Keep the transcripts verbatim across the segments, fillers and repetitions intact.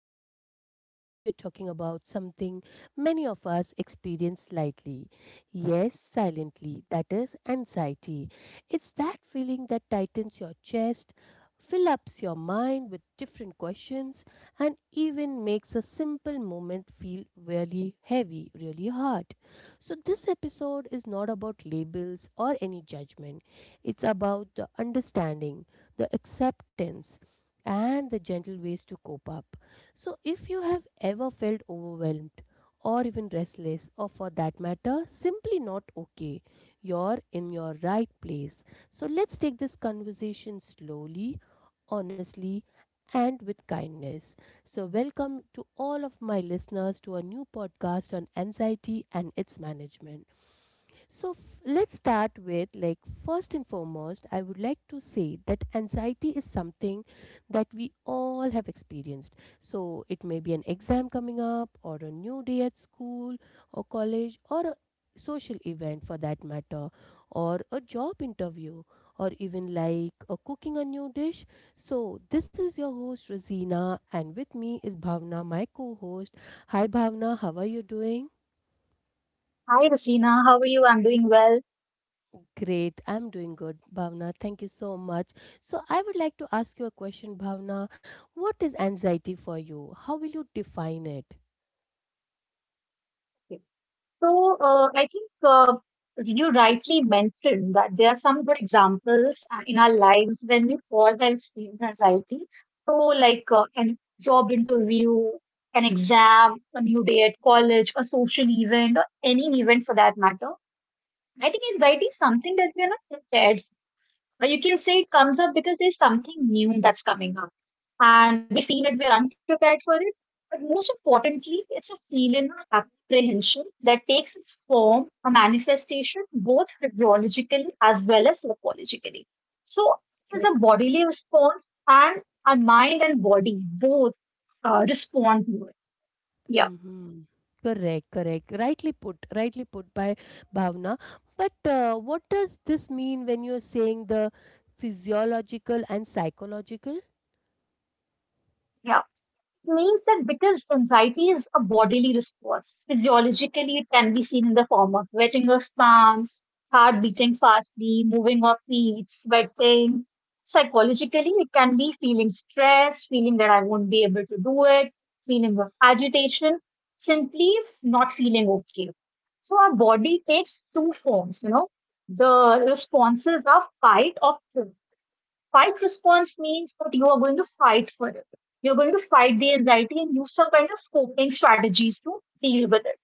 Razina and today we are talking about something many of us experience slightly. Yes, silently, that is anxiety. It's that feeling that tightens your chest, fills up your mind with different questions, and even makes a simple moment feel really heavy, really hard. So this episode is not about labels or any judgment. It's about the understanding, the acceptance, and the gentle ways to cope up. So, if you have ever felt overwhelmed or even restless, or for that matter, simply not okay, you're in your right place. So, let's take this conversation slowly, honestly, and with kindness. So, welcome to all of my listeners to a new podcast on anxiety and its management. So f- let's start with, like, first and foremost, I would like to say that anxiety is something that we all have experienced. So it may be an exam coming up, or a new day at school or college, or a social event for that matter, or a job interview, or even like a cooking a new dish. So this is your host Rosina, and with me is Bhavna, my co-host. Hi Bhavna, how are you doing? Hi, Rasina. How are you? I'm doing well. Great. I'm doing good, Bhavna. Thank you so much. So, I would like to ask you a question, Bhavna. What is anxiety for you? How will you define it? So, uh, I think uh, you rightly mentioned that there are some good examples uh, in our lives when we fall by screens anxiety. So, like uh, an job interview, an exam, a new day at college, a social event, or any event for that matter. I think anxiety is something that we are not prepared. But you can say it comes up because there's something new that's coming up, and we feel that we are unprepared for it. But most importantly, it's a feeling of apprehension that takes its form, a manifestation, both physiologically as well as psychologically. So it Yes. is a bodily response, and our mind and body both uh, respond to it. Yeah, Mm-hmm. Correct, correct. Rightly put, rightly put by Bhavna. But uh, what does this mean when you're saying the physiological and psychological? yeah. It means that because anxiety is a bodily response, physiologically it can be seen in the form of wetting of palms, heart beating fastly, moving of feet, sweating. Psychologically, it can be feeling stress, feeling that I won't be able to do it, feeling of agitation, simply not feeling okay. So our body takes two forms, you know. The responses are fight or flight. Fight response means that you are going to fight for it. You're going to fight the anxiety and use some kind of coping strategies to deal with it.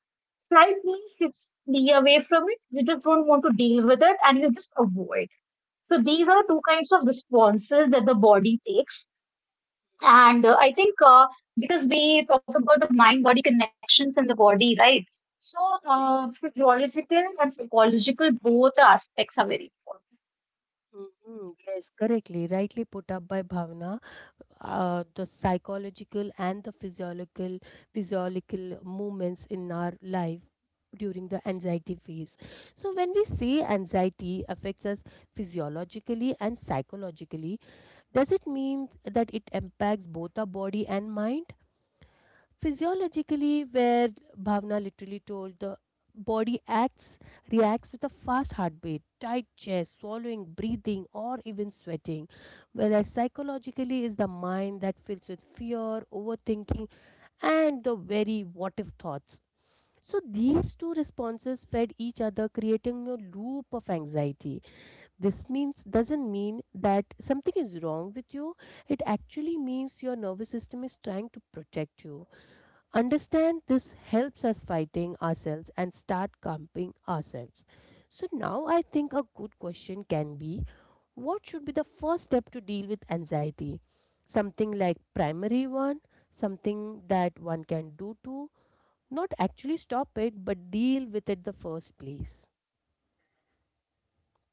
Flight means it's be away from it. You just don't want to deal with it and you just avoid. So these are two kinds of responses that the body takes. And uh, I think uh, because we talked about the mind body connections and the body, right? So, uh, physiological and psychological, both aspects are very important. Mhm. Yes, correctly, rightly put up by Bhavna. Uh, the psychological and the physiological, physiological movements in our life during the anxiety phase. So, when we say anxiety affects us physiologically and psychologically, does it mean that it impacts both our body and mind? Physiologically, where Bhavna literally told, the body acts, reacts with a fast heartbeat, tight chest, swallowing, breathing, or even sweating. Whereas psychologically is the mind that fills with fear, overthinking, and the very what if thoughts. So these two responses fed each other, creating a loop of anxiety. This means doesn't mean that something is wrong with you. It actually means your nervous system is trying to protect you. Understand this helps us fighting ourselves and start calming ourselves. So now I think a good question can be, what should be the first step to deal with anxiety? Something like primary one, something that one can do to not actually stop it but deal with it the first place.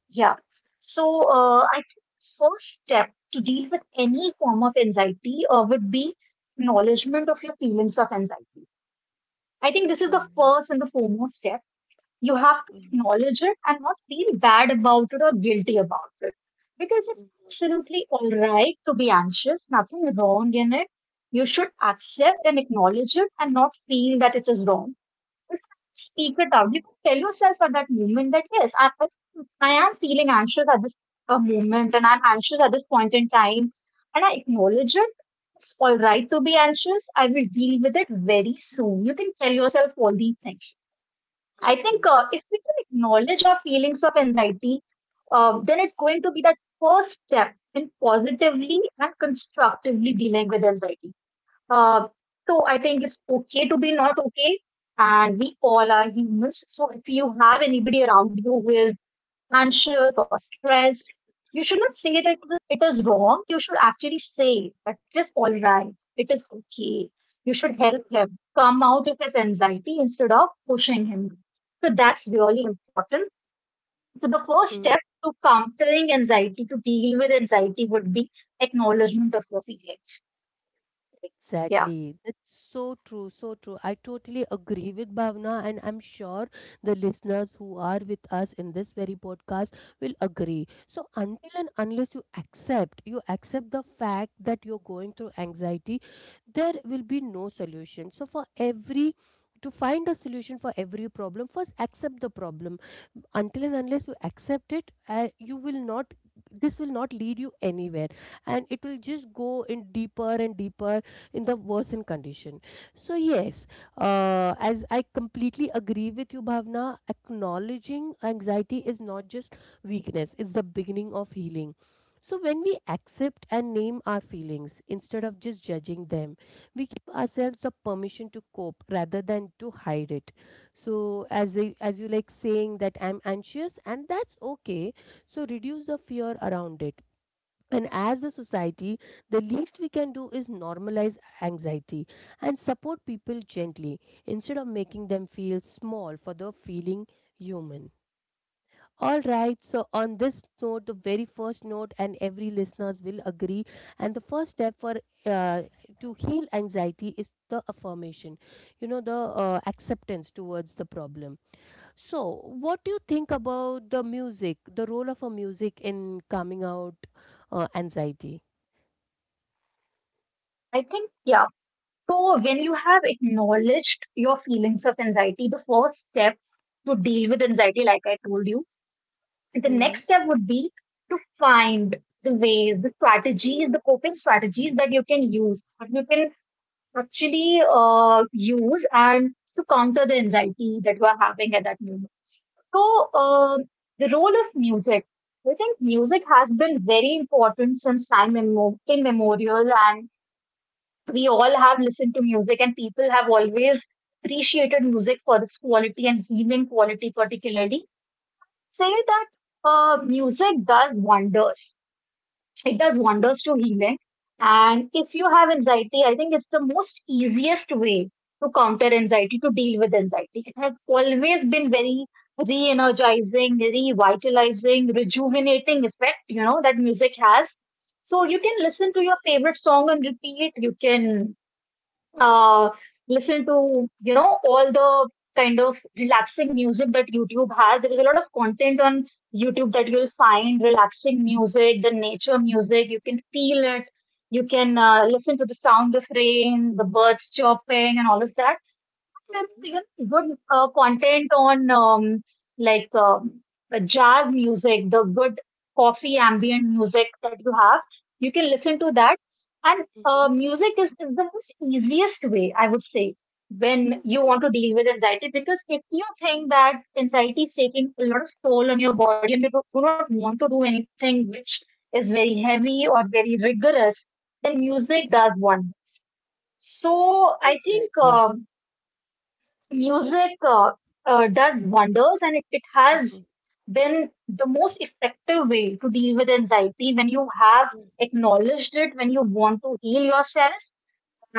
Yeah. So uh, I think first step to deal with any form of anxiety uh, would be acknowledgement of your feelings of anxiety. I think this is the Mhm, first and the foremost step. You have to mhm, acknowledge it and not feel bad about it or guilty about it because it's mhm, absolutely all right to be anxious, nothing wrong in it. You should accept and acknowledge it and not feel that it is wrong you can't speak it out. You can tell yourself at that moment that yes, I, I I am feeling anxious at this uh, moment and I'm anxious at this point in time. And I acknowledge it. It's all right to be anxious. I will deal with it very soon. You can tell yourself all these things. I think mhm, uh, if we can acknowledge our feelings of anxiety, uh, then it's going to be that first step in positively and constructively dealing with anxiety. Uh, so I think it's okay to be not okay, and we all are humans. So if you have anybody around you who is anxious or stressed, you should not say that it is wrong. You should actually say that it is all right. It is okay. You should help him come out of his anxiety instead of pushing him. So that's really important. So the first mhm. step to countering anxiety, to deal with anxiety, would be acknowledgement of your feelings. Yeah, Exactly. That's so true, so true. I totally agree with Bhavna, and I'm sure the listeners who are with us in this very podcast will agree. So, until and unless you accept, you accept the fact that you're going through anxiety, there will be no solution. So, for every, to find a solution for every problem, first accept the problem. Until and unless you accept it, uh, you will not. This will not lead you anywhere, and it will just go in deeper and deeper in the worsened condition. So yes, uh, as I completely agree with you, Bhavna, acknowledging anxiety is not just weakness; it's the beginning of healing. So when we accept and name our feelings instead of just judging them, we give ourselves the permission to cope rather than to hide it. So as I, as you like saying that I'm anxious and that's okay. So reduce the fear around it. And as a society, the least we can do is normalize anxiety and support people gently instead of making them feel small for the feeling human. All right, so on this note, the very first note, and every listeners will agree. And the first step for uh, to heal anxiety is the affirmation, you know, the uh, acceptance towards the problem. So, what do you think about the music, the role of a music in calming out uh, anxiety? I think yeah So, when you have acknowledged your feelings of anxiety, the first step to deal with anxiety, like I told you, the Mm-hmm. next step would be to find the ways, the strategies, the coping strategies that you can use, that you can actually uh, use and to counter the anxiety that you are having at that moment. So, uh, the role of music. I think music has been very important since time immemorial and we all have listened to music and people have always appreciated music for its quality and healing quality particularly say that uh, music does wonders, it does Correct. wonders to healing. And if you have anxiety, I think it's the most easiest way to counter anxiety, to deal with anxiety. It has always been very re-energizing, revitalizing, rejuvenating effect, you know, that music has. So you can listen to your favorite song on repeat. You can uh, listen to, you know, all the kind of relaxing music that YouTube has. There is a lot of content on YouTube that you'll find relaxing music, the nature music. You can feel it. You can uh, listen to the sound of rain, the birds chirping, and all of that. Some, Mm-hmm. you know, good uh, content on um, like um, the jazz music, the good coffee ambient music that you have. You can listen to that. And uh, Mm-hmm. music is, is the most easiest way, I would say, when you want to Correct. deal with anxiety. Because if you think that anxiety is taking a lot of toll on your body and you do do not want to do anything which is very heavy or very rigorous, then Mhm. music does one. So I think Exactly. um, music uh, uh, does wonders and it, it has Mm-hmm. been the most effective way to deal with anxiety when you have acknowledged it, when you want to heal yourself,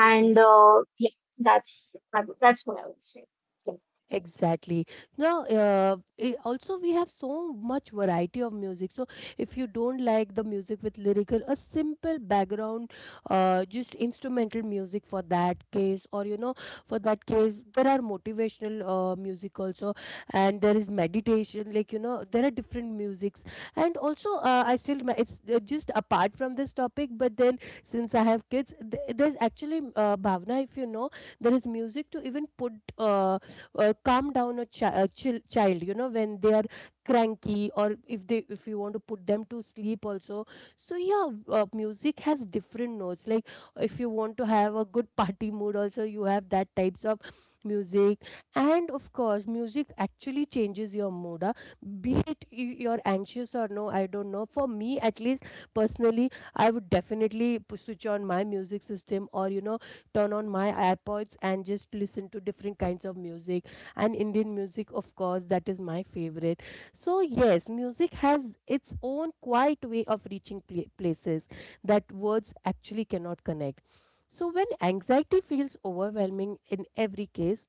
Mm-hmm. and uh, yeah, that's I would- that's what I would say, yeah. Exactly. Now, uh, i- also we have so much variety of music. So, if you don't like the music with lyrical, a simple background, uh, just instrumental music for that case, or you know, for that case, there are motivational uh, music also, and there is meditation. Like you know, there are different musics, and also uh, I still ma- it's uh, just apart from this topic. But then, since I have kids, th- there's actually uh, Bhavna, if you know, there is music to even put uh, uh, calm down a, chi- a chil- child, you know, when they are cranky, or if they, if you want to put them to sleep also. So yeah, uh, music has different notes, like if you want to have a good party mood, also you have that types of music. And of course music actually changes your mood. Uh, be it y- you're anxious or no, I don't know, for me at least personally, I would definitely p- switch on my music system, or you know, turn on my ipods and just listen to different kinds of music. And Indian music, of course, that is my favorite. So, yes, music has its own quiet way of reaching pla- places that words actually cannot connect. So, when anxiety feels overwhelming in every case,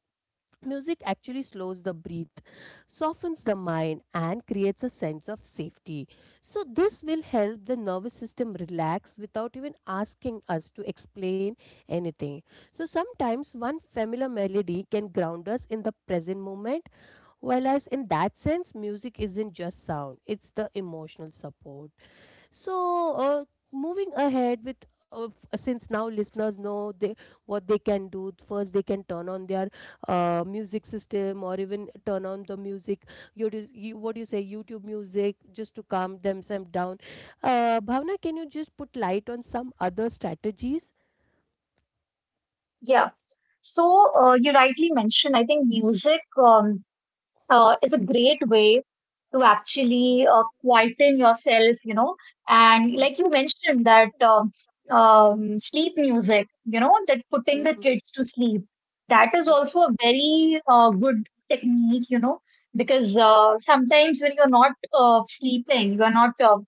music actually slows the breath, softens the mind, and creates a sense of safety. So, this will help the nervous system relax without even asking us to explain anything. So, sometimes one familiar melody can ground us in the present moment, whereas in that sense, music isn't just sound, it's the emotional support. So, uh, moving ahead with uh, f- uh, since now listeners know they what they can do. First, they can turn on their uh, music system or even turn on the music. You, do- you What do you say? YouTube music, just to calm themselves down. Uh, Bhavna, can you just put light on some other strategies? Yeah. so uh, you rightly mentioned, I think music um, uh, is a great way to actually uh, quieten yourself, you know. And Mm, like you mentioned, that um, um, sleep music, you know, that mm, putting the mm, kids to sleep, that is mm, also a very uh, good technique, you know, because uh, sometimes when you're not uh, sleeping, you're not uh,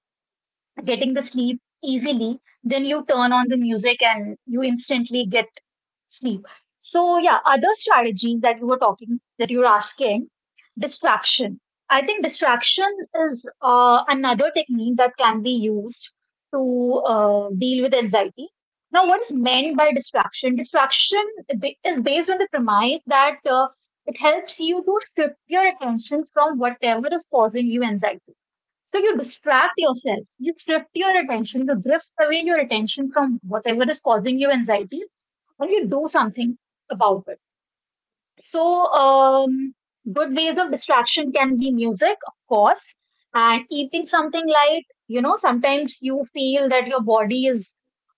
getting the sleep easily, then you turn on the music and you instantly get sleep. So yeah, ex- other strategies that you were talking, that you were asking, distraction. I think distraction is uh, another technique that can be used to uh, deal with anxiety. Now, what is meant by distraction? Distraction ba- is based on the premise that uh, it helps you to strip your attention from whatever is causing you anxiety. So you distract yourself, you shift your attention, you drift away your attention from whatever is causing you anxiety, or you do something about it. So, um, good ways of distraction can be music, of course, and eating something light. You know, sometimes you feel that your body is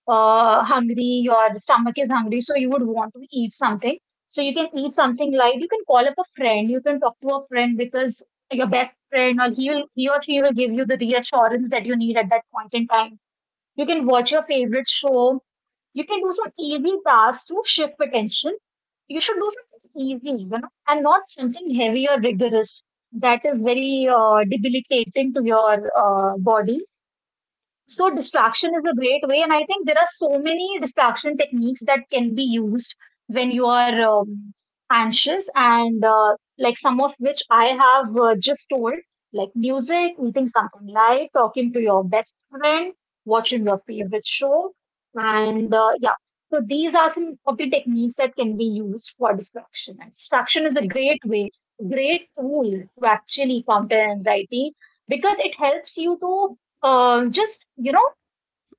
uh, hungry, your stomach is hungry, so you would want to eat something. So, you can eat something light. You can call up a friend, you can talk to a friend because your best friend, or he, will, he or she will give you the reassurance that you need at that point in time. You can watch your favorite show. You can do some easy tasks to shift attention. You should do something easy, you know, and not something heavy or rigorous that is very uh, debilitating to your uh, body. So distraction is a great way, and I think there are so many distraction techniques that can be used when you are um, anxious, and uh, like some of which I have uh, just told, like music, eating something light, talking to your best friend, watching your favorite show, mm, and uh, yeah. So these are some of the techniques that can be used for distraction. And distraction is a ex- great way, great tool to actually counter anxiety because it helps you to um, just, you know,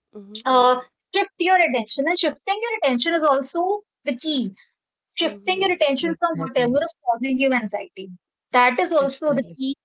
mhm, uh, shift your attention, and shifting your attention is also the key. Shifting mhm. your attention from Exactly. whatever is causing you anxiety, that is also the Exactly. key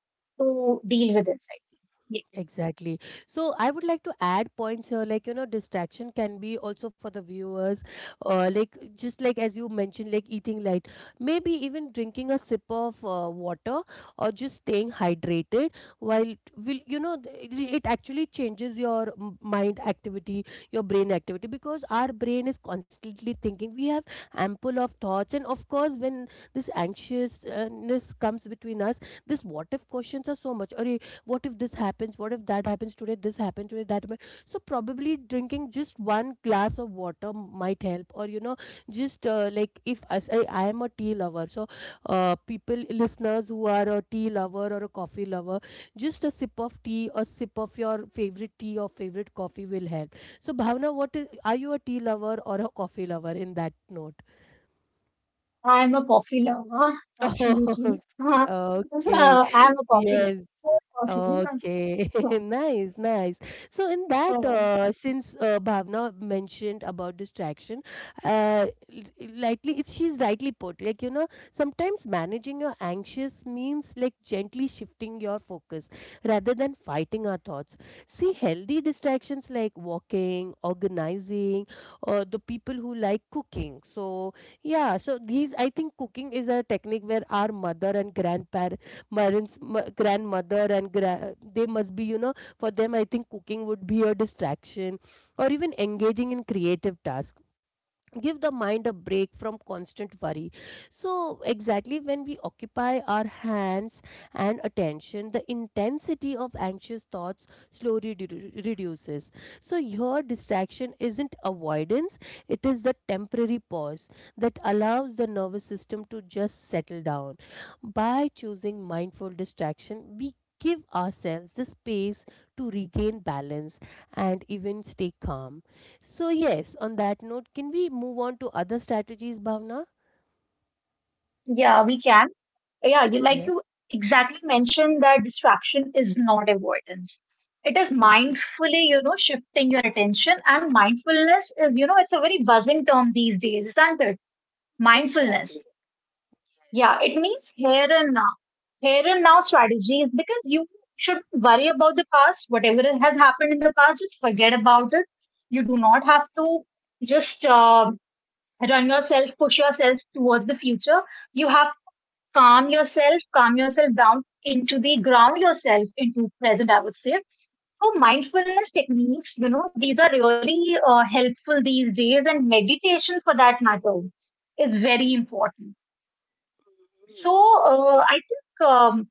to deal with anxiety, yeah. Exactly. So I would like to add points here, like you know, distraction can be also for the viewers, uh, like, just like as you mentioned, like eating light, maybe even drinking a sip of uh, water or just staying hydrated. While t- will you know, th- it it actually changes your m- mind activity, your brain activity, because our brain is constantly thinking. We have ample of thoughts, and of course, when this anxiousness comes between us, this what if questions are so much. Or what if this happens, what if that happens, today this happened, today that happened. So probably drinking just one glass of water might help, or you know, just uh, like if I, say, I am a tea lover. So uh, people, listeners who are a tea lover or a coffee lover, just a sip of tea or sip of your favorite tea or favorite coffee will help. So Bhavna, what is, are you a tea lover or a coffee lover in that note? I'm a coffee lover, absolutely. Uh, okay. I'm a coffee Yes. lover, coffee. Okay, So, nice, nice. So in that, Uh, uh, since uh, Bhavna mentioned about distraction, uh, l- lightly, it's, she's rightly put. Like you know, sometimes managing your anxious means, like, gently shifting your focus rather than fighting our thoughts. See, healthy distractions like walking, organizing, or the people who like cooking. So yeah, so these, I think cooking is a technique where our mother and grandparents, parents, m- grandmother, and gra- they must be, you know, for them, I think cooking would be a distraction, or even engaging in creative tasks give the mind a break from constant worry. So exactly, when we occupy our hands and attention, the intensity of anxious thoughts slowly redu- reduces. So your distraction isn't avoidance, it is the temporary pause that allows the nervous system to just settle down. By choosing mindful distraction, we give ourselves the space to regain balance and even stay calm. So yes, on that note, can we move on to other strategies, Bhavna? yeah, we can. Yeah, you like Yeah. you exactly mentioned that distraction is not avoidance. It is Mm-hmm. mindfully, you know, shifting your attention. And mindfulness is, you know, it's a very buzzing term these days, isn't it? Exactly. Mindfulness. Yes. Yeah, it means here and now. Here and now strategies, because you should worry about the past, whatever has happened in the past, just forget about it. You do not have to just uh, run yourself, push yourself towards the future. You have calm yourself, calm yourself down into the ground yourself into present, I would say. So mindfulness techniques, you know, these are really uh, helpful these days, and meditation for that matter is very important. So Mhm. uh, I think um,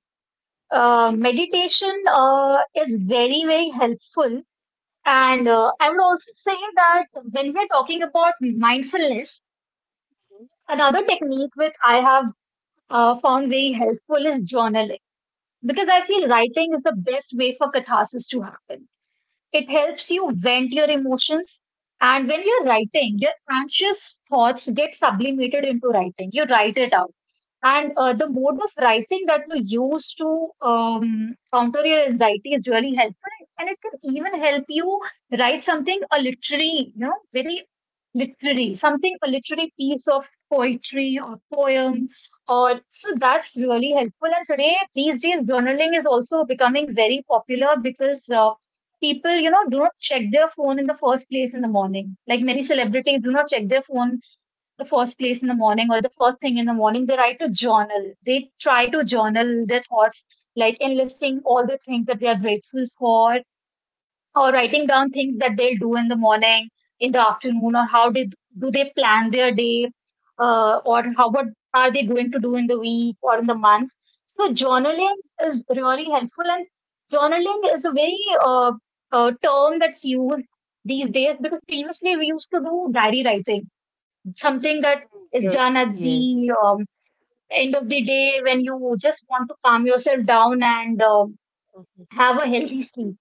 uh, meditation uh, is very, very helpful. And Mhm. uh, I would also say that when we're talking about mindfulness, Mhm. another technique which I have uh, found very helpful is journaling. Because I feel writing is the best way for catharsis to happen. It helps you vent your emotions. And when you're writing, your anxious thoughts get sublimated into writing. You write it out. And uh, the mode of writing that you use to um, counter your anxiety is really helpful. And it can even help you write something, a literary, you know, very literary, something, a literary piece of poetry or poem. Or so that's really helpful. And today, these days, journaling is also becoming very popular because uh, people, you know, do not check their phone in the first place in the morning. Like many celebrities do not check their phone the first place in the morning or the first thing in the morning, they write a journal. They try to journal their thoughts, like enlisting all the things that they are grateful for, or writing down things that they'll do in the morning, in the afternoon, or how they do they plan their day, uh, or how what are they going to do in the week or in the month. So journaling is really helpful, and journaling is a very uh, uh, term that's used these days because previously we used to do diary writing, something Mhm. that Yes. is done at Yes. the um, end of the day when you just want to calm yourself down and um Mhm. have a healthy sleep.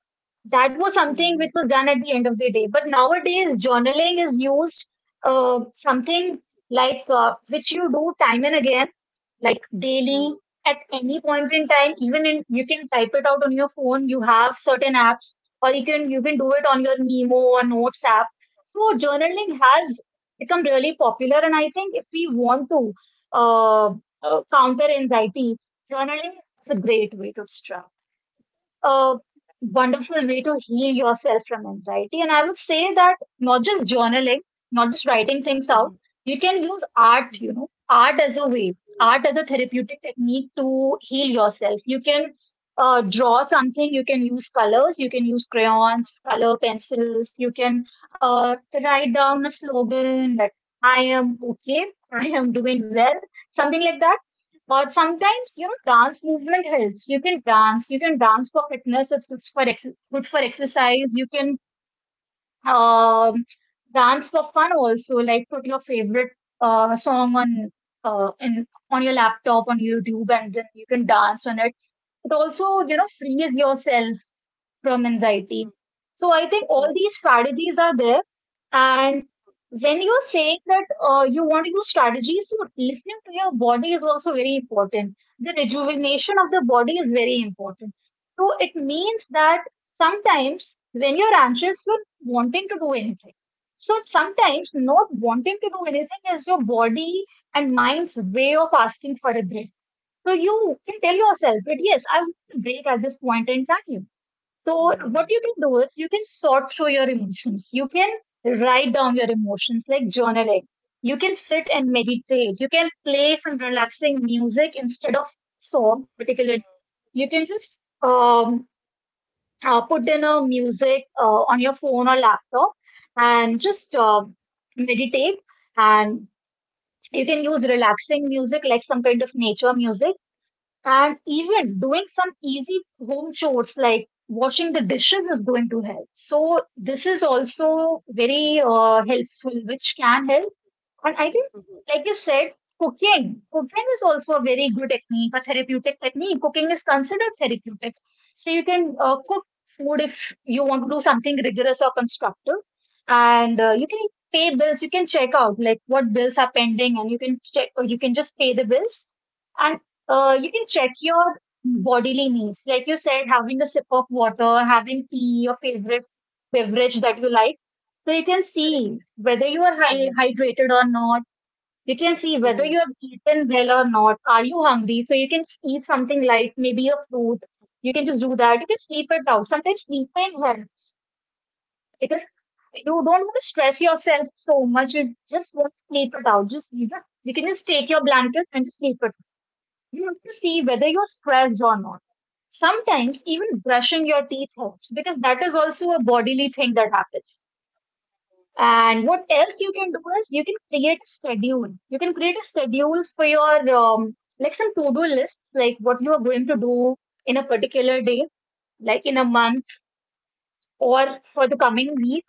That was Mhm. something which was done at the end of the day. But nowadays, journaling is used uh, something like uh, which you do time and again, like Mhm. daily, at any point in time. Even in, you can type it out on your phone. You have certain apps, or you can you can do it on your Memo or Notes app. So journaling has become really popular, and I think if we want to uh, uh, counter anxiety, journaling is a great way to start, a wonderful way to heal yourself from anxiety. And I would say that not just journaling, not just writing things out, you can use Mhm. art, you know, art as a Mhm. way, art as a therapeutic technique to heal yourself. You can uh, draw something, you can use colors, you can use crayons, color pencils, you can uh, write down a slogan that I am okay, I am doing well, something like that. But sometimes, you know, dance movement helps. You can dance. You can dance for fitness. It's good for ex good for exercise. You can um, dance for fun also. Like put your favorite uh, song on uh, in on your laptop on YouTube, and then you can dance on it. It also, you know, frees yourself from anxiety. So I think all Mhm. these strategies are there. And when you're saying that uh, you want to use strategies, so listening to your body is also very important. The rejuvenation of the body is very important. So it means that sometimes when you're anxious, you're wanting to do anything. So sometimes not wanting to do anything is your body and mind's way of asking for a break. So you can tell yourself that yes, I want a break at this point in time. So Mhm. what you can do is you can sort through your emotions. You can write down your emotions like journaling. You can sit and meditate. You can play some relaxing music instead of song, particularly. You can just um, uh, put in a music uh, on your phone or laptop, and just uh, meditate. And you can use relaxing music like some kind of nature music. And even doing some easy home chores like washing the dishes is going to help. So this is also very uh, helpful, which can help. And I think, Mhm. like you said, cooking. Cooking is also a very good technique, a therapeutic technique. Cooking is considered therapeutic. So you can uh, cook food if you want to do something rigorous or constructive. And uh, you can pay bills. You can check out like what bills are pending, and you can check, or you can just pay the bills. And uh, you can check your bodily needs. Like you said, having a sip of water, having tea, your favorite beverage that you like, so you can see Correct. whether you are hy- Mhm. hydrated or not. You can see whether Mhm. you have eaten well or not. Are you hungry? So you can eat something light, maybe a fruit. You can just do that. You can sleep it out. Sometimes sleeping helps because you don't want to stress yourself so much. You just want to sleep it out. Just, you can you can just take your blanket and just sleep it. You have to see whether you're stressed or not. Sometimes even brushing your teeth helps because that is also a bodily thing that happens. And what else you can do is you can create a schedule. You can create a schedule for your um, like some to-do lists, like what you are going to Mhm. do in a particular day, like in a month or for the coming week.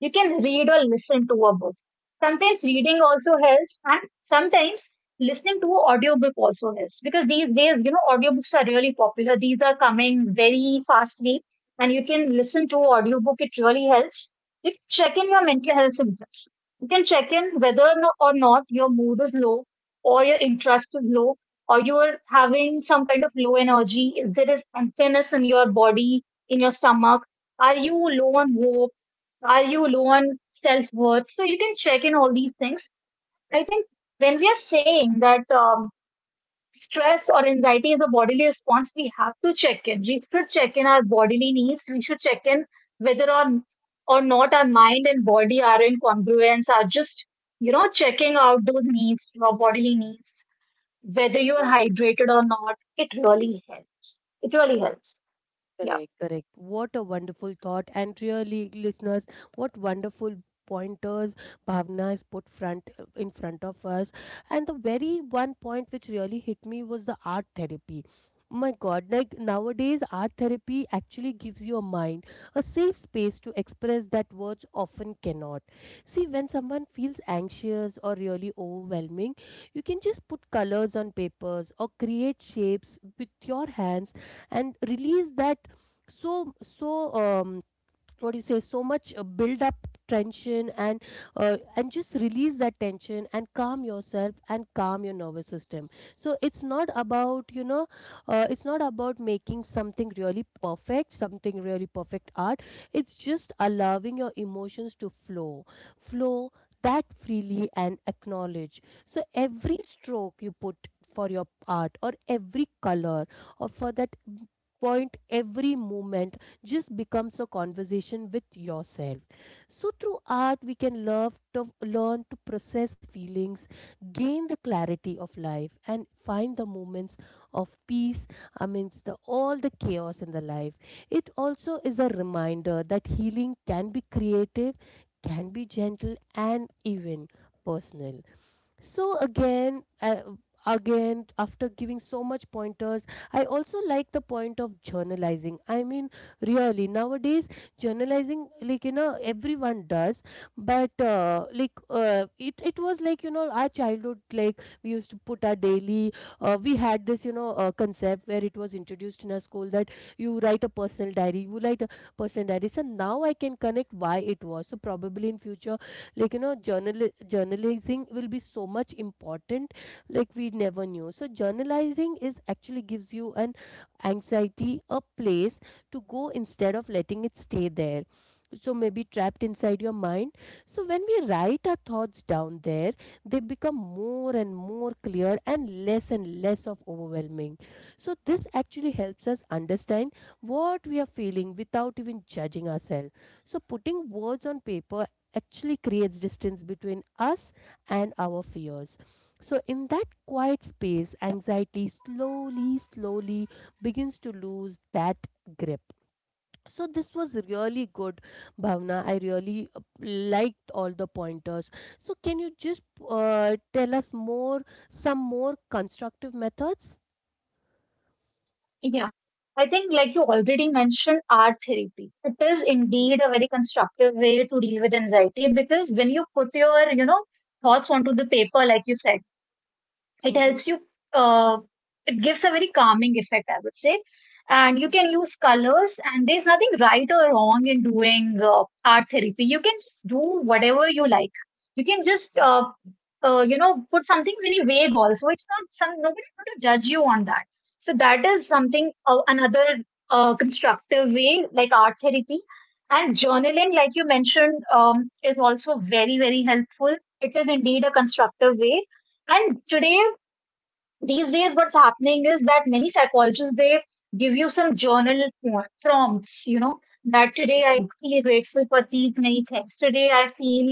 You can read or listen to a book. Sometimes reading also helps, and sometimes listening to audiobook also helps because these days, you know, audiobooks are really popular. These are coming very fastly, and you can listen to audiobook. It really helps. You can check in your mental health symptoms. You can check in whether or no- or not your mood is low, or your interest is low, or you are having some kind of low energy. If there is emptiness in your body, in your stomach, are you low on hope? Are you low on self worth? So you can check in all these things. I think when we are saying that um, stress or anxiety is a bodily response, we have to check in. We should check in our bodily needs. We should check in whether or, or not our mind and body are in congruence, are just, you know, checking out those needs, your bodily needs, whether you are Mhm. hydrated or not. It really helps. It really helps. Yeah. Correct, correct. What a wonderful thought. And really, listeners, what wonderful pointers Bhavna has put front in front of us. And the very one point which really hit me was the art therapy. My God, like nowadays, art therapy actually gives your mind a safe space to express that words often cannot. See, when someone feels anxious or really overwhelming, you can just put colors on papers or create shapes with your hands and release that so so um what do you say so much uh, build up tension and uh, and just release that tension and calm yourself and calm your nervous system. So it's not about you know uh, it's not about making something really perfect, something really perfect art it's just allowing your emotions to flow flow that freely and acknowledge. So every stroke you put for your art or every color or for that point, every moment just becomes a conversation with yourself. So through art, we can love to learn to process feelings, gain the clarity of life, and find the moments of peace amidst the, all the chaos in the life. It also is a reminder that healing can be creative, can be gentle, and even personal. So again, I, again, after giving so much pointers, I also like the point of journalizing. I mean, really nowadays, journalizing, like you know, everyone does, but uh, like uh, it, it was like you know, our childhood, like we used to put our daily. Uh, we had this, you know, uh, concept where it was introduced in our school that you write a personal diary, you write a personal diary. So now I can connect why it was. So probably in future, like you know journal journalizing will be so much important, like we never knew. So journalizing is actually gives you an anxiety a place to go instead of letting it stay there, so maybe trapped inside your mind. So when we write our thoughts down there, they become more and more clear and less and less of overwhelming. So this actually helps us understand what we are feeling without even judging ourselves. So putting words on paper actually creates distance between us and our fears. So, in that quiet space, anxiety slowly, slowly begins to lose that grip. So, this was really good, Bhavna. I really uh, liked all the pointers. So, can you just uh, tell us more, some more constructive methods? Yeah, I think, like you already mentioned, art therapy. It is indeed a very constructive way to deal with anxiety because when you put your, you know, thoughts onto the paper, like you said, it Mm-hmm. helps you, uh, it gives a very calming effect, I would say. And you can use colors, and there's nothing right or wrong in doing uh, art therapy. You can just do whatever you like. You can just, uh, uh, you know, put something very vague also. It's not some, nobody's going to judge you on that. So that is something, uh, another uh, constructive way, like art therapy. And journaling, like you mentioned, um, is also very, very helpful. It is indeed a constructive way. And today, these days what's happening is that many psychologists, they give you some journal pro- prompts, you know, that today I Mm-hmm. feel grateful for these many things, today I feel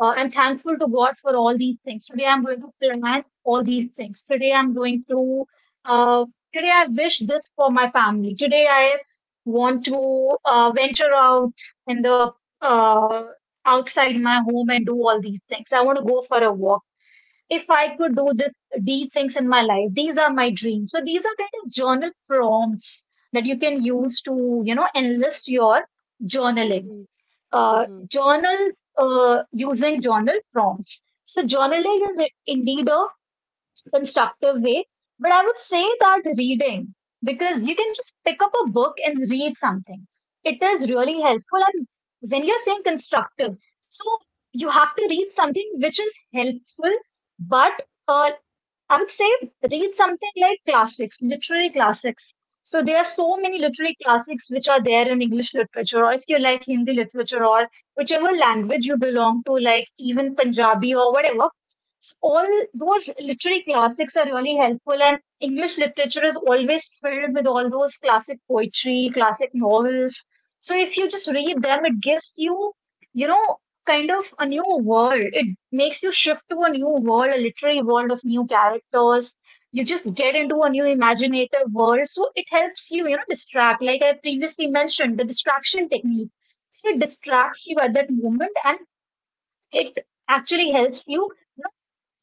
uh, I'm thankful to God for all these things, today I'm going to plan all these things, today I'm going to uh, today I wish this for my family, today I want to uh, venture out in the uh, outside my home and do all these things, I want to go for a walk, if I could do this, these things in my life, these are my dreams. So these are kind of journal prompts that you can use to, you know, enlist your journaling. Uh, Mm-hmm. journal uh, Using journal prompts. So journaling is indeed a constructive way, but I would say that reading, because you can just pick up a book and read something. It is really helpful. And when you're saying constructive, so you have to read something which is helpful, but uh, I would say read something like classics, literary classics. So there are so many literary classics which are there in English literature, or if you like Hindi literature, or whichever language you belong to, like even Punjabi or whatever. So all those literary classics are really helpful, and English literature is always filled with all those classic poetry, classic novels. So if you just read them, it gives you, you know, kind of a new world. It makes you shift to a new world, a literary world of new characters. You just get into a new imaginative world. So it helps you, you know, distract. Like I previously mentioned, the distraction technique. So it distracts you at that moment, and it actually helps you, you know,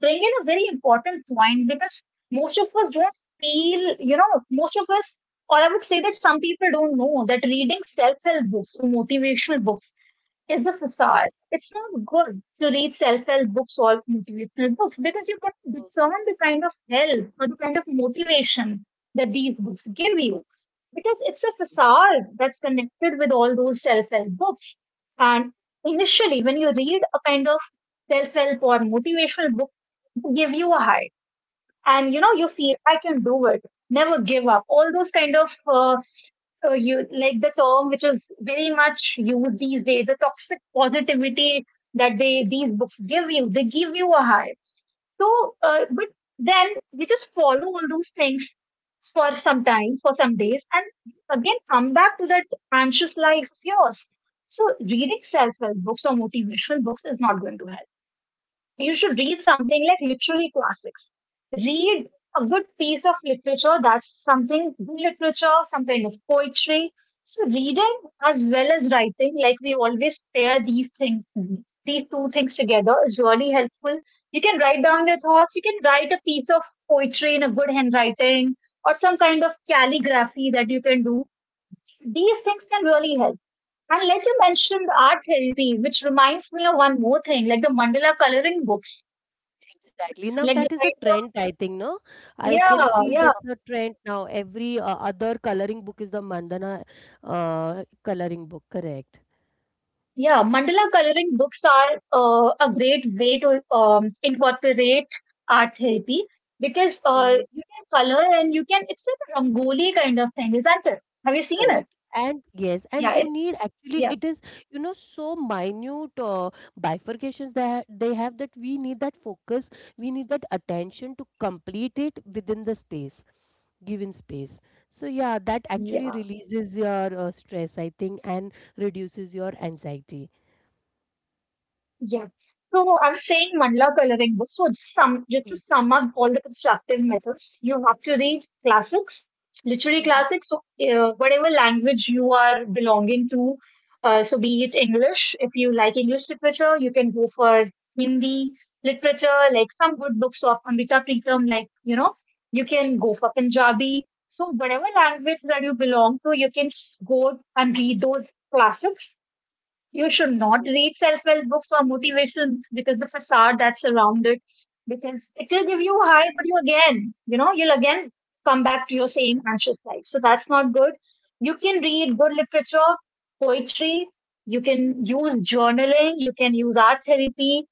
bring in a very important point because most of us don't feel, you know, most of us, or I would say that some people don't know that reading self help books or motivational books is the facade. It's not good to read self-help books or motivational books because you can discern the kind of help or the kind of motivation that these books give you. Because it's a facade that's connected with all those self-help books. And initially, when you read a kind of self-help or motivational book, they give you a high, and you know, you feel I can do it, never give up, all those kind of uh, uh, you like the term which is very much used these days, the toxic positivity that they these books give you, they give you a high. So uh, but then you just follow all those things for some time, for some days, and again come back to that anxious life of yours. So reading self-help books or motivational books is not going to help. You should read something like literary classics. Read a good piece of literature. That's something good, literature, some kind of poetry. So reading as well as writing, like we always pair these things, these two things together, is really helpful. You can write down your thoughts, you can write a piece of poetry in a good handwriting or some kind of calligraphy that you can do. These things can really help. And like you mentioned, art therapy, which reminds me of one more thing, like the mandala coloring books, Exactly. Now like the that is a kind of, trend, I think, no? I yeah, can see yeah, that's the trend now. Every uh, other coloring book is the Mandana uh, coloring book, correct? yeah. Mandala coloring books are uh, a great way to um, incorporate art therapy, because uh, Mm, you can color and you can, it's like a Rangoli kind of thing, isn't it? Have you seen it? correct. And yes, and Yeah, you it, need actually yeah, it is, you know, so minute uh, bifurcations that they have, that we need that focus, we need that attention to complete it within the space, given space. So yeah, that actually yeah. releases your uh, stress, I think, and reduces your anxiety. Yeah. So I'm saying mandala coloring books. So just sum just to sum up all the constructive methods, you have to read classics, literary Mm. classics. So uh, whatever language you are belonging to, uh, so be it English. If you like English literature, you can go for Hindi literature, like some good books of Amrita Preetham. Like you know, you can go for Punjabi. So whatever language that you belong to, you can just go and read those classics. You should Mm. not Mm. read self-help books for motivations because the facade that surrounds it, because it will give you a high, but you again, you know, you'll again come back to your same anxious life. So that's not good. You can read good literature, poetry. You can use journaling. You can use art therapy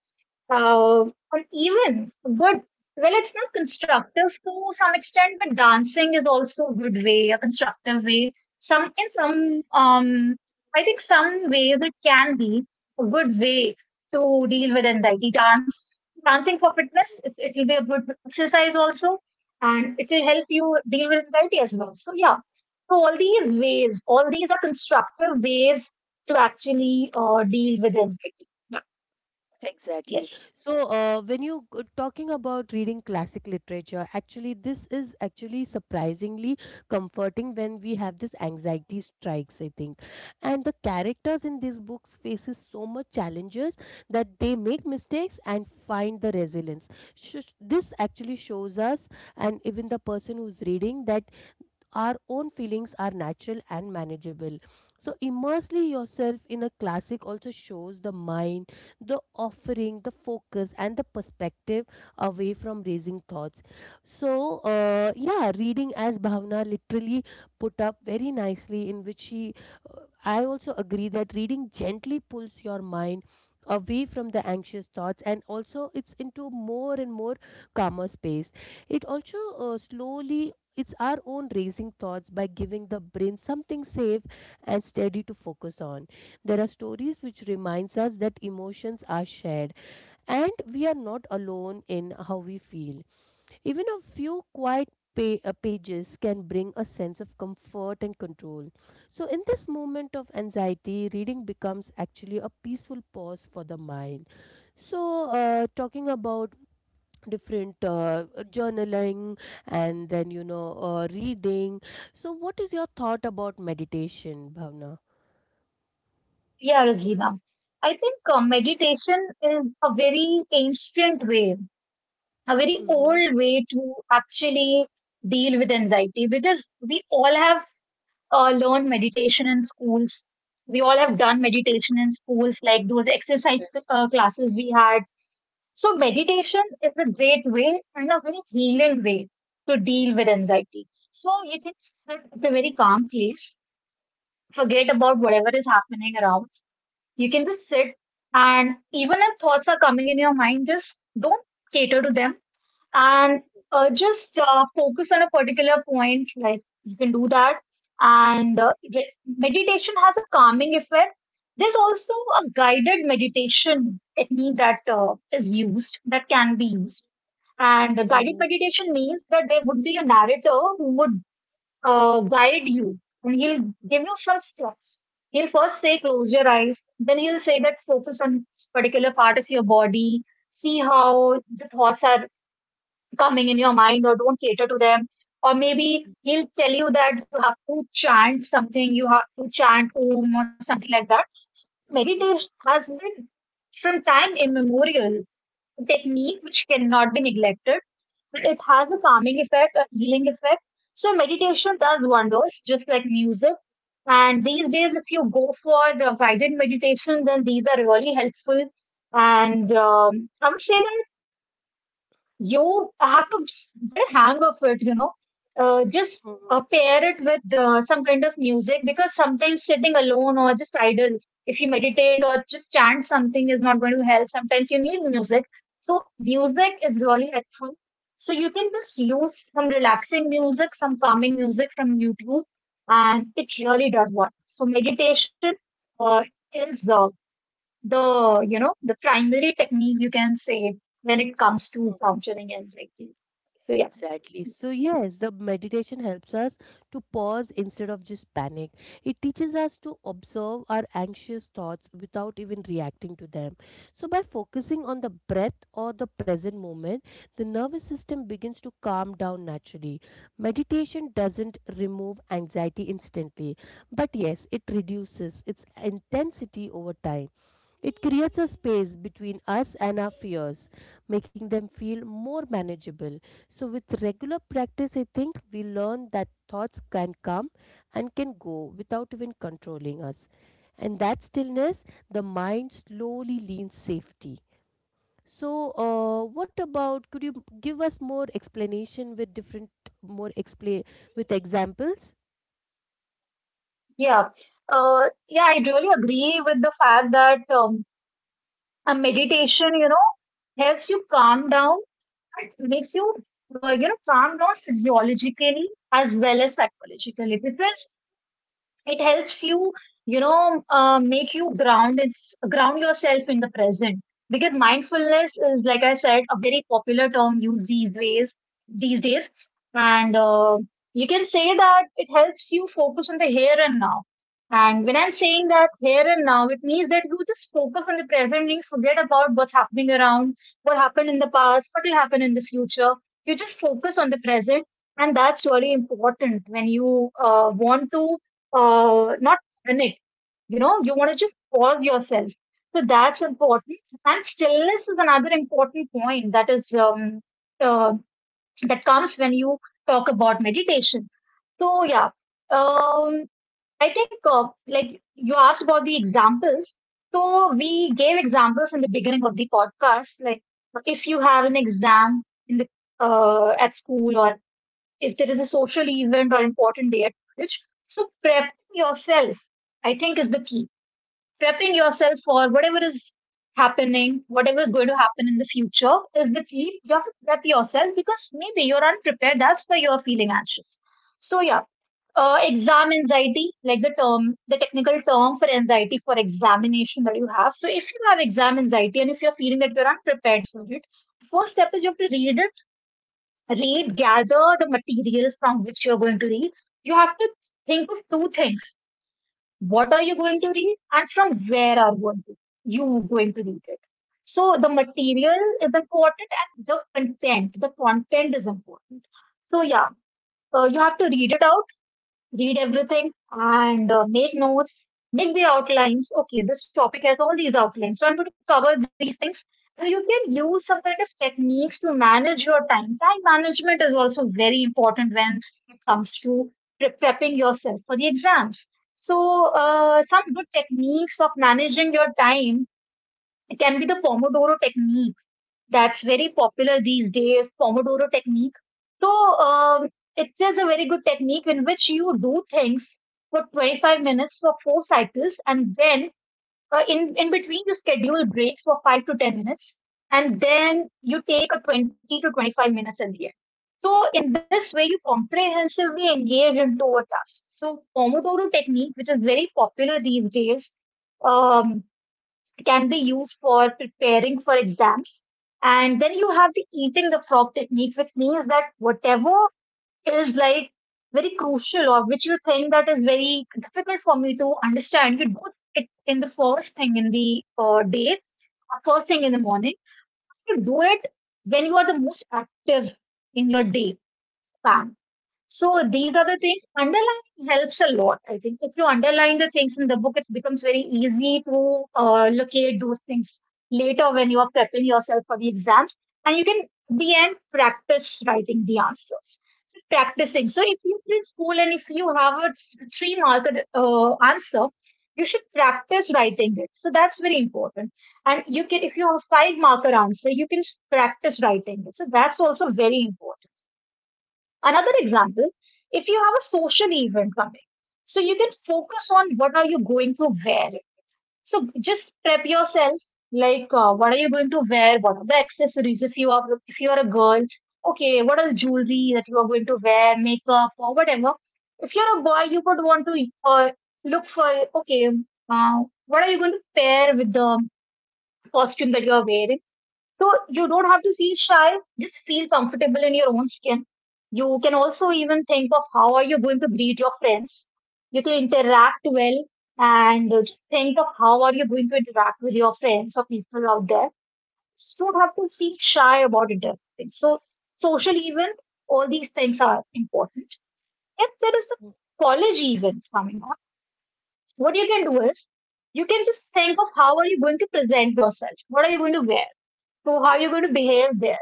uh, or even good. Well, it's not constructive to some extent, but dancing is also a good way, a constructive way. Some in some, um, I think some ways it can be a good way to deal with anxiety. Dance, dancing for fitness, it, it will be a good exercise also, and it will help you deal with anxiety as well. So yeah, so all these ways, all these are constructive ways to actually uh, deal with anxiety. Yeah. Exactly. Yes. So, uh, when you g- talking about reading classic literature, actually, this is actually surprisingly comforting when we have this anxiety strikes, I think. And the characters in these books faces so much challenges that they make mistakes and find the resilience. Sh- sh- this actually shows us, and even the person who's reading, that our own feelings are natural and manageable. So, immersely yourself in a classic also shows the mind, the offering, the focus, and the perspective away from raising thoughts. So, uh, yeah, reading as Bhavna literally put up very nicely, in which she, uh, I also agree that reading gently pulls your mind away from the anxious thoughts, and also it's into more and more calmer space. It also uh, slowly it's our own raising thoughts by giving the brain something safe and steady to focus on. There are stories which reminds us that emotions are shared and we are not alone in how we feel. Even a few quiet pa- uh, pages can bring a sense of comfort and control. So in this moment of anxiety, reading becomes actually a peaceful pause for the mind. So uh, talking about different uh, journaling and then you know uh, reading, so what is your thought about meditation, Bhavna? Yeah, Rajina. I think uh, meditation is a very ancient way, a very Mm-hmm. old way to actually deal with anxiety, because we all have uh, learned meditation in schools. We all have done meditation in schools, like those exercise uh, classes we had. So meditation is a great way and a very healing way to deal with anxiety. So you can sit at a very calm place, forget about whatever is happening around. You can just sit, and even if thoughts are coming in your mind, just don't cater to them, and uh, just uh, focus on a particular point. Like you can do that. And uh, re- meditation has a calming effect. There's also a guided meditation technique that uh, is used, that can be used. And the Mm-hmm. guided meditation means that there would be a narrator who would uh, guide you, and he'll give you some steps. He'll first say close your eyes, then he'll say that focus on particular part of your body, see how the thoughts are coming in your mind, or don't cater to them. Or maybe he'll tell you that you have to chant something, you have to chant home or something like that. So meditation has been, from time immemorial, a technique which cannot be neglected. It has a calming effect, a healing effect. So meditation does wonders, just like music. And these days, if you go for the guided meditation, then these are really helpful. And um, I would say you have to get a hang of it, you know. Uh, just Mm-hmm. uh, pair it with uh, some kind of music, because sometimes sitting alone or just idle, if you meditate or just chant something is not going to help. Sometimes you need music. So music is really helpful. So you can just use some relaxing music, some calming music from YouTube, and it really does work. So meditation uh, is uh, the, you know, the primary technique, you can say, when it comes to countering anxiety. So yeah. Exactly. So, yes, the meditation helps us to pause instead of just panic. It teaches us to observe our anxious thoughts without even reacting to them. So, by focusing on the breath or the present moment, the nervous system begins to calm down naturally. Meditation doesn't remove anxiety instantly, but yes, it reduces its intensity over time. It creates a space between us and our fears, making them feel more manageable. So, with regular practice, I think we learn that thoughts can come and can go without even controlling us. And that stillness, the mind slowly leans safety. So, uh, what about? Could you give us more explanation with different, more explain with examples? Yeah uh, yeah I really agree with the fact that, um, a meditation, you know, helps you calm down. It makes you uh, you know, calm down physiologically as well as psychologically, because it helps you, you know, uh, make you ground it's ground yourself in the present, because mindfulness is, like I said, a very popular term used these ways these days. And uh, you can say that it helps you focus on the here and now. And when I'm saying that here and now, it means that you just focus on the present and forget about what's happening around, what happened in the past, what will happen in the future. You just focus on the present, and that's really important when you uh, want to uh, not panic. You know, you want to just pause yourself. So that's important. And stillness is another important point that is um, uh, that comes when you talk about meditation. So yeah, um, I think, uh, like you asked about the examples. So we gave examples in the beginning of the podcast. Like if you have an exam in the uh, at school, or if there is a social event or important day at college. So prepping yourself, I think, is the key. Prepping yourself for whatever is happening, whatever is going to happen in the future, is the key. You have to prep yourself because maybe you're unprepared. That's why you're feeling anxious. So yeah, uh, exam anxiety, like the term, the technical term for anxiety for examination that you have. So if you have exam anxiety and if you're feeling that you're unprepared for it, first step is you have to read it read, gather the materials from which you're going to read. You have to think of two things. What are you going to read, and from where are going to, you going to read it? So the material is important, and the content, the content is important. So yeah, uh, you have to read it out read everything, and uh, make notes, make the outlines. Okay, this topic has all these outlines. So I'm going to cover these things. And you can use some kind of techniques to manage your time. Time management is also very important when it comes to pre- prepping yourself for the exams. So, uh, some good techniques of managing your time, it can be the Pomodoro technique that's very popular these days, Pomodoro technique. So um, it is a very good technique in which you do things for twenty-five minutes for four cycles, and then, uh, in in between you schedule breaks for five to ten minutes, and then you take a twenty to twenty-five minutes at the end. So in this way, you comprehensively engage into a task. So Pomodoro technique, which is very popular these days, Um, can be used for preparing for exams. And then you have the eating the frog technique, which means that whatever is like very crucial or which you think that is very difficult for me to understand, you do it in the first thing in the uh, day, or first thing in the morning. You do it when you are the most active in your day. Fact. So these are the things. Underlining helps a lot. I think if you underline the things in the book, it becomes very easy to uh, locate those things later when you are prepping yourself for the exams, and you can at the end practice writing the answers. So practicing. So if you're in school and if you have a three marked uh, answer, you should practice writing it. So that's very important. And you can, if you have a five marker answer, you can practice writing it. So that's also very important. Another example, if you have a social event coming, so you can focus on what are you going to wear. So just prep yourself, like uh, what are you going to wear, what are the accessories, if you are if you are a girl, okay, what are the jewelry that you are going to wear, makeup or whatever. If you're a boy, you would want to uh, look for, okay, uh, what are you going to pair with the costume that you are wearing. So you don't have to feel shy, just feel comfortable in your own skin. You can also even think of how are you going to greet your friends. You can interact well, and uh, just think of how are you going to interact with your friends or people out there. Just don't have to feel shy about interacting. So social event, all these things are important. If there is a college event coming up, what you can do is you can just think of how are you going to present yourself? What are you going to wear? So how are you going to behave there?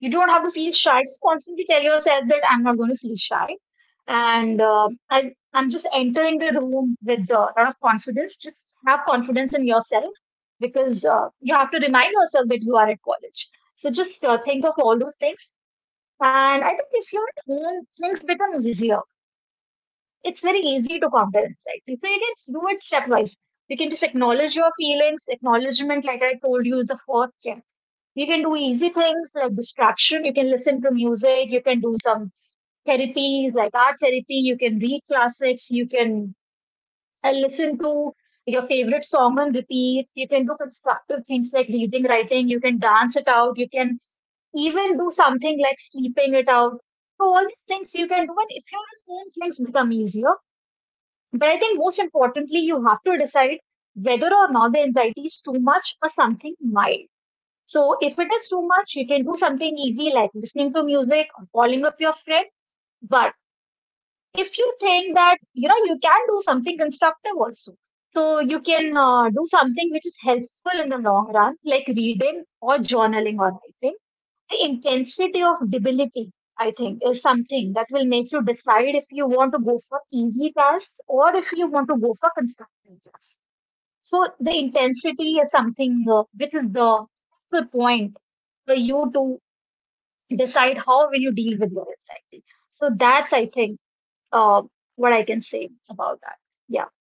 You don't have to feel shy. Just constantly tell yourself that I'm not going to feel shy. And uh, I, I'm just entering the room with a lot of confidence. Just have confidence in yourself because uh, you have to remind yourself that you are at college. So just uh, think of all those things. And I think if you're at home, things become easier. It's very easy to counter insight. If you can do it stepwise, you can just acknowledge your feelings. Acknowledgement, like I told you, is the first step. You can do easy things like distraction. You can listen to music. You can do some therapies like art therapy. You can read classics. You can uh, listen to your favorite song on repeat. You can do constructive things like reading, writing. You can dance it out. You can even do something like sleeping it out. So all these things you can do, and if you're at home, things become easier. But I think most importantly, you have to decide whether or not the anxiety is too much or something mild. So if it is too much, you can do something easy like listening to music or calling up your friend. But if you think that, you know, you can do something constructive also. So you can uh, do something which is helpful in the long run, like reading or journaling or writing. The intensity of debility, I think, is something that will make you decide if you want to go for easy tasks or if you want to go for constructive tasks. So the intensity is something uh, which is the good point for you to decide how will you deal with your anxiety. So that's I think uh, what I can say about that. Yeah,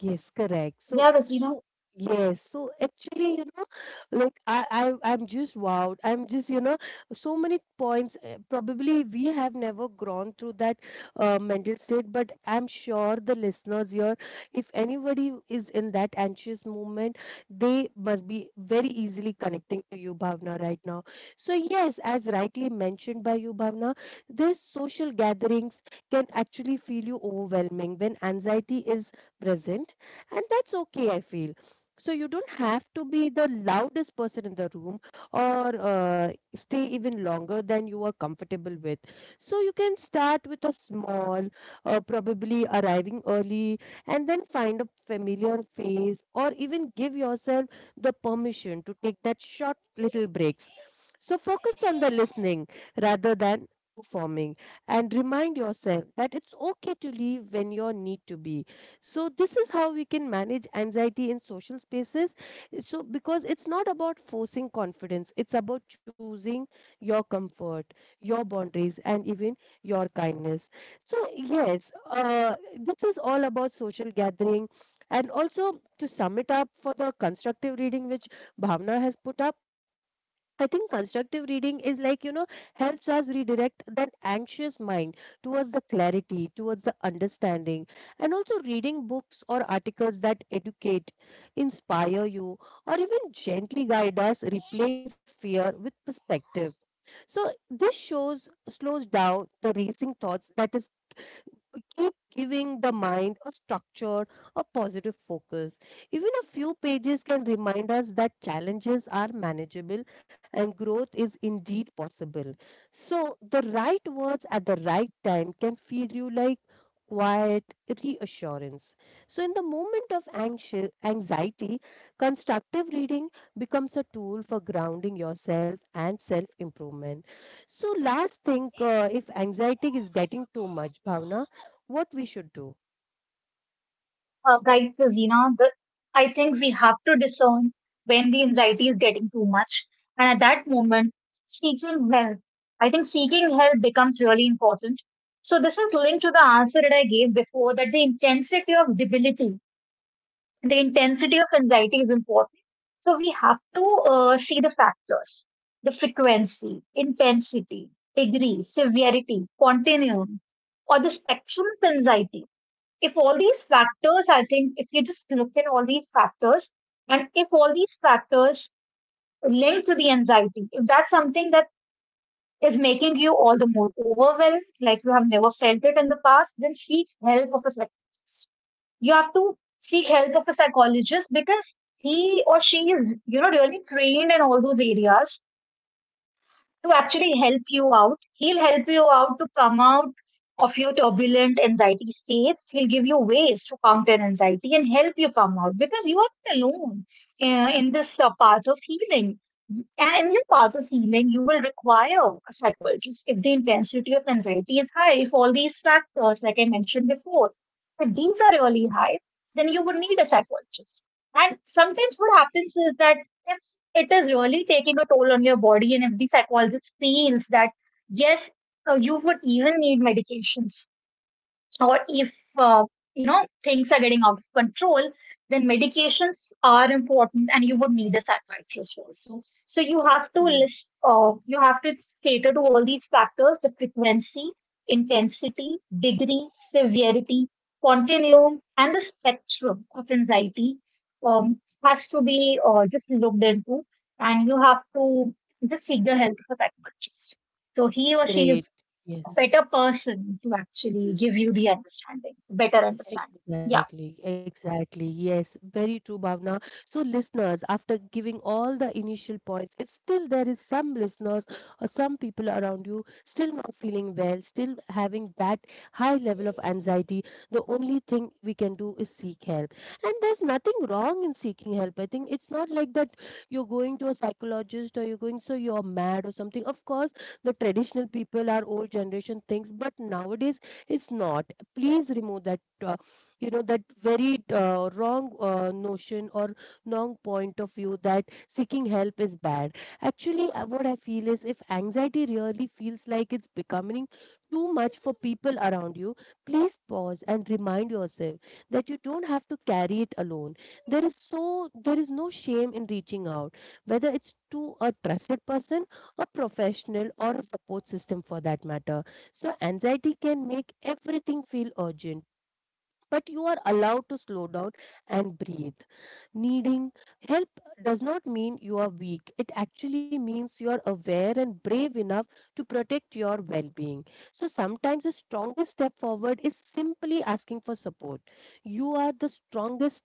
Yes, correct. So, yeah, so Rasina, yes, so actually, you know, like I, I, I'm just wowed. I'm just, you know, so many points. uh, Probably we have never gone through that uh, mental state, but I'm sure the listeners here, if anybody is in that anxious moment, they must be very easily connecting to you, Bhavna, right now. So yes, as rightly mentioned by you, Bhavna, these social gatherings can actually feel you overwhelming when anxiety is present, and that's okay, I feel. So you don't have to be the loudest person in the room or uh, stay even longer than you are comfortable with. So you can start with a small, uh, probably arriving early, and then find a familiar face, or even give yourself the permission to take that short little breaks. So focus on the listening rather than performing, and remind yourself that it's okay to leave when you need to be. So this is how we can manage anxiety in social spaces. So because it's not about forcing confidence, it's about choosing your comfort, your boundaries, and even your kindness. So yes, uh, this is all about social gathering. And also, to sum it up for the constructive reading which Bhavna has put up, I think constructive reading is, like, you know, helps us redirect that anxious mind towards the clarity, towards the understanding, and also reading books or articles that educate, inspire you, or even gently guide us replace fear with perspective. So, this shows, slows down the racing thoughts, that is keep giving the mind a structure, a positive focus. Even a few pages can remind us that challenges are manageable and growth is indeed possible. So, the right words at the right time can feed you like quiet reassurance. So, in the moment of anxi- anxiety, constructive reading becomes a tool for grounding yourself and self improvement. So, last thing, uh, if anxiety is getting too much, Bhavna, what we should do. uh, right, Rasina. But I think we have to discern when the anxiety is getting too much, and at that moment, seeking help. I think seeking help becomes really important. So this is linked to the answer that I gave before, that the intensity of debility, the intensity of anxiety is important. So we have to uh, see the factors, the frequency, intensity, degree, severity, continuum, or the spectrum of anxiety. If all these factors, I think, if you just look at all these factors, and if all these factors link to the anxiety, if that's something that is making you all the more overwhelmed, like you have never felt it in the past, then seek help of a psychologist. You have to seek help of a psychologist because he or she is, you know, really trained in all those areas to actually help you out. He'll help you out to come out of your turbulent anxiety states. He'll give you ways to counter anxiety and help you come out, because you are not alone uh, in this uh, path of healing. And in your path of healing, you will require a psychologist if the intensity of anxiety is high, if all these factors, like I mentioned before, if these are really high, then you would need a psychologist. And sometimes what happens is that if it is really taking a toll on your body and if the psychologist feels that yes, uh, you would even need medications, or if uh, you know things are getting out of control, then medications are important and you would need a psychiatrist also. So so you have to Mhm. list uh, you have to cater to all these factors: the frequency, intensity, degree, severity, continuum, and the spectrum of anxiety um, has to be uh, just looked into, and you have to just seek the help of a psychiatrist. So he or she Great. is a Yes. better person to actually give you the understanding, better understanding. Yeah, Exactly, exactly. Yes, very true, Bhavna. So, listeners, after giving all the initial points, if still there is some listeners or some people around you still not feeling well, still having that high level of anxiety, the only thing we can do is seek help. And there's nothing wrong in seeking help. I think it's not like that you're going to a psychologist or you're going, so you're mad or something. Of course, the traditional people, our old generation thinks, but nowadays it's not. Please remove that. Uh, you know, that very uh, wrong uh, notion or wrong point of view that seeking help is bad. Actually, uh, what I feel is if anxiety really feels like it's becoming too much for people around you, please pause and remind yourself that you don't have to carry it alone. There is so there is no shame in reaching out, whether it's to a trusted person, a professional, or a support system for that matter. So anxiety can make everything feel urgent, but you are allowed to slow down and breathe. Needing help does not mean you are weak. It actually means you are aware and brave enough to protect your well being. So sometimes the strongest step forward is simply asking for support. You are the strongest.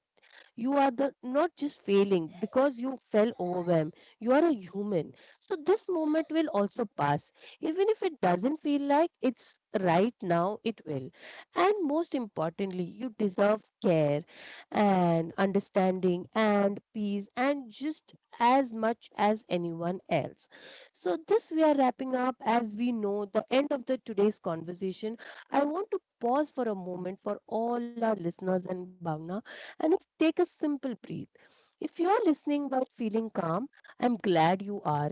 You are the not just failing because you fell overwhelmed, you are a human. So this moment will also pass, even if it doesn't feel like it's right now, it will. And most importantly, you deserve care and understanding and peace, and just as much as anyone else. So this we are wrapping up, as we know the end of the today's conversation. I want to pause for a moment for all our listeners and Bhavna, and it's take a simple breath. If you're listening while feeling calm, I'm glad you are.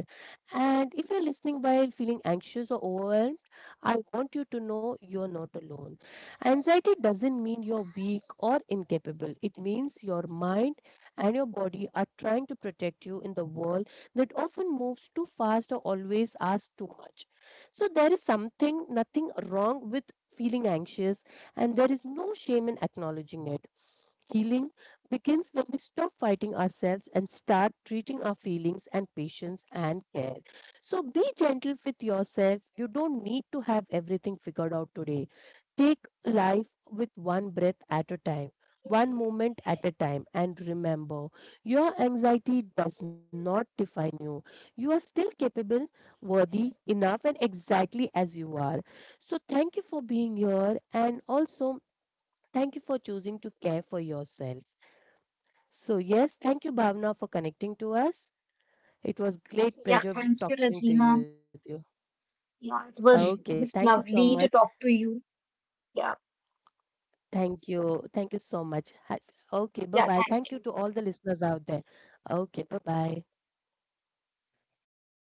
And if you're listening while feeling anxious or overwhelmed, I want you to know you're not alone. Anxiety doesn't mean you're weak or incapable, it means your mind and your body are trying to protect you in the world that often moves too fast or always asks too much. So there is something, nothing wrong with feeling anxious, and there is no shame in acknowledging it. Healing begins when we stop fighting ourselves and start treating our feelings and patience and care. So be gentle with yourself. You don't need to have everything figured out today. Take life with one breath at a time, one moment at a time, and remember your anxiety does not define you. You are still capable, worthy, enough, and exactly as you are. So thank you for being here. And also, thank you for choosing to care for yourself. So, yes, thank you, Bhavna, for connecting to us. It was great yeah. pleasure v- Thank talking you, to you. With Lazima. you. Yeah, Okay, it thank was you so just much. lovely to talk to you. Yeah, Thank you. Thank so, you so much. Has- Okay, bye bye. yeah. Thank you to Thank all you. the listeners out there. Okay, bye bye. Bye.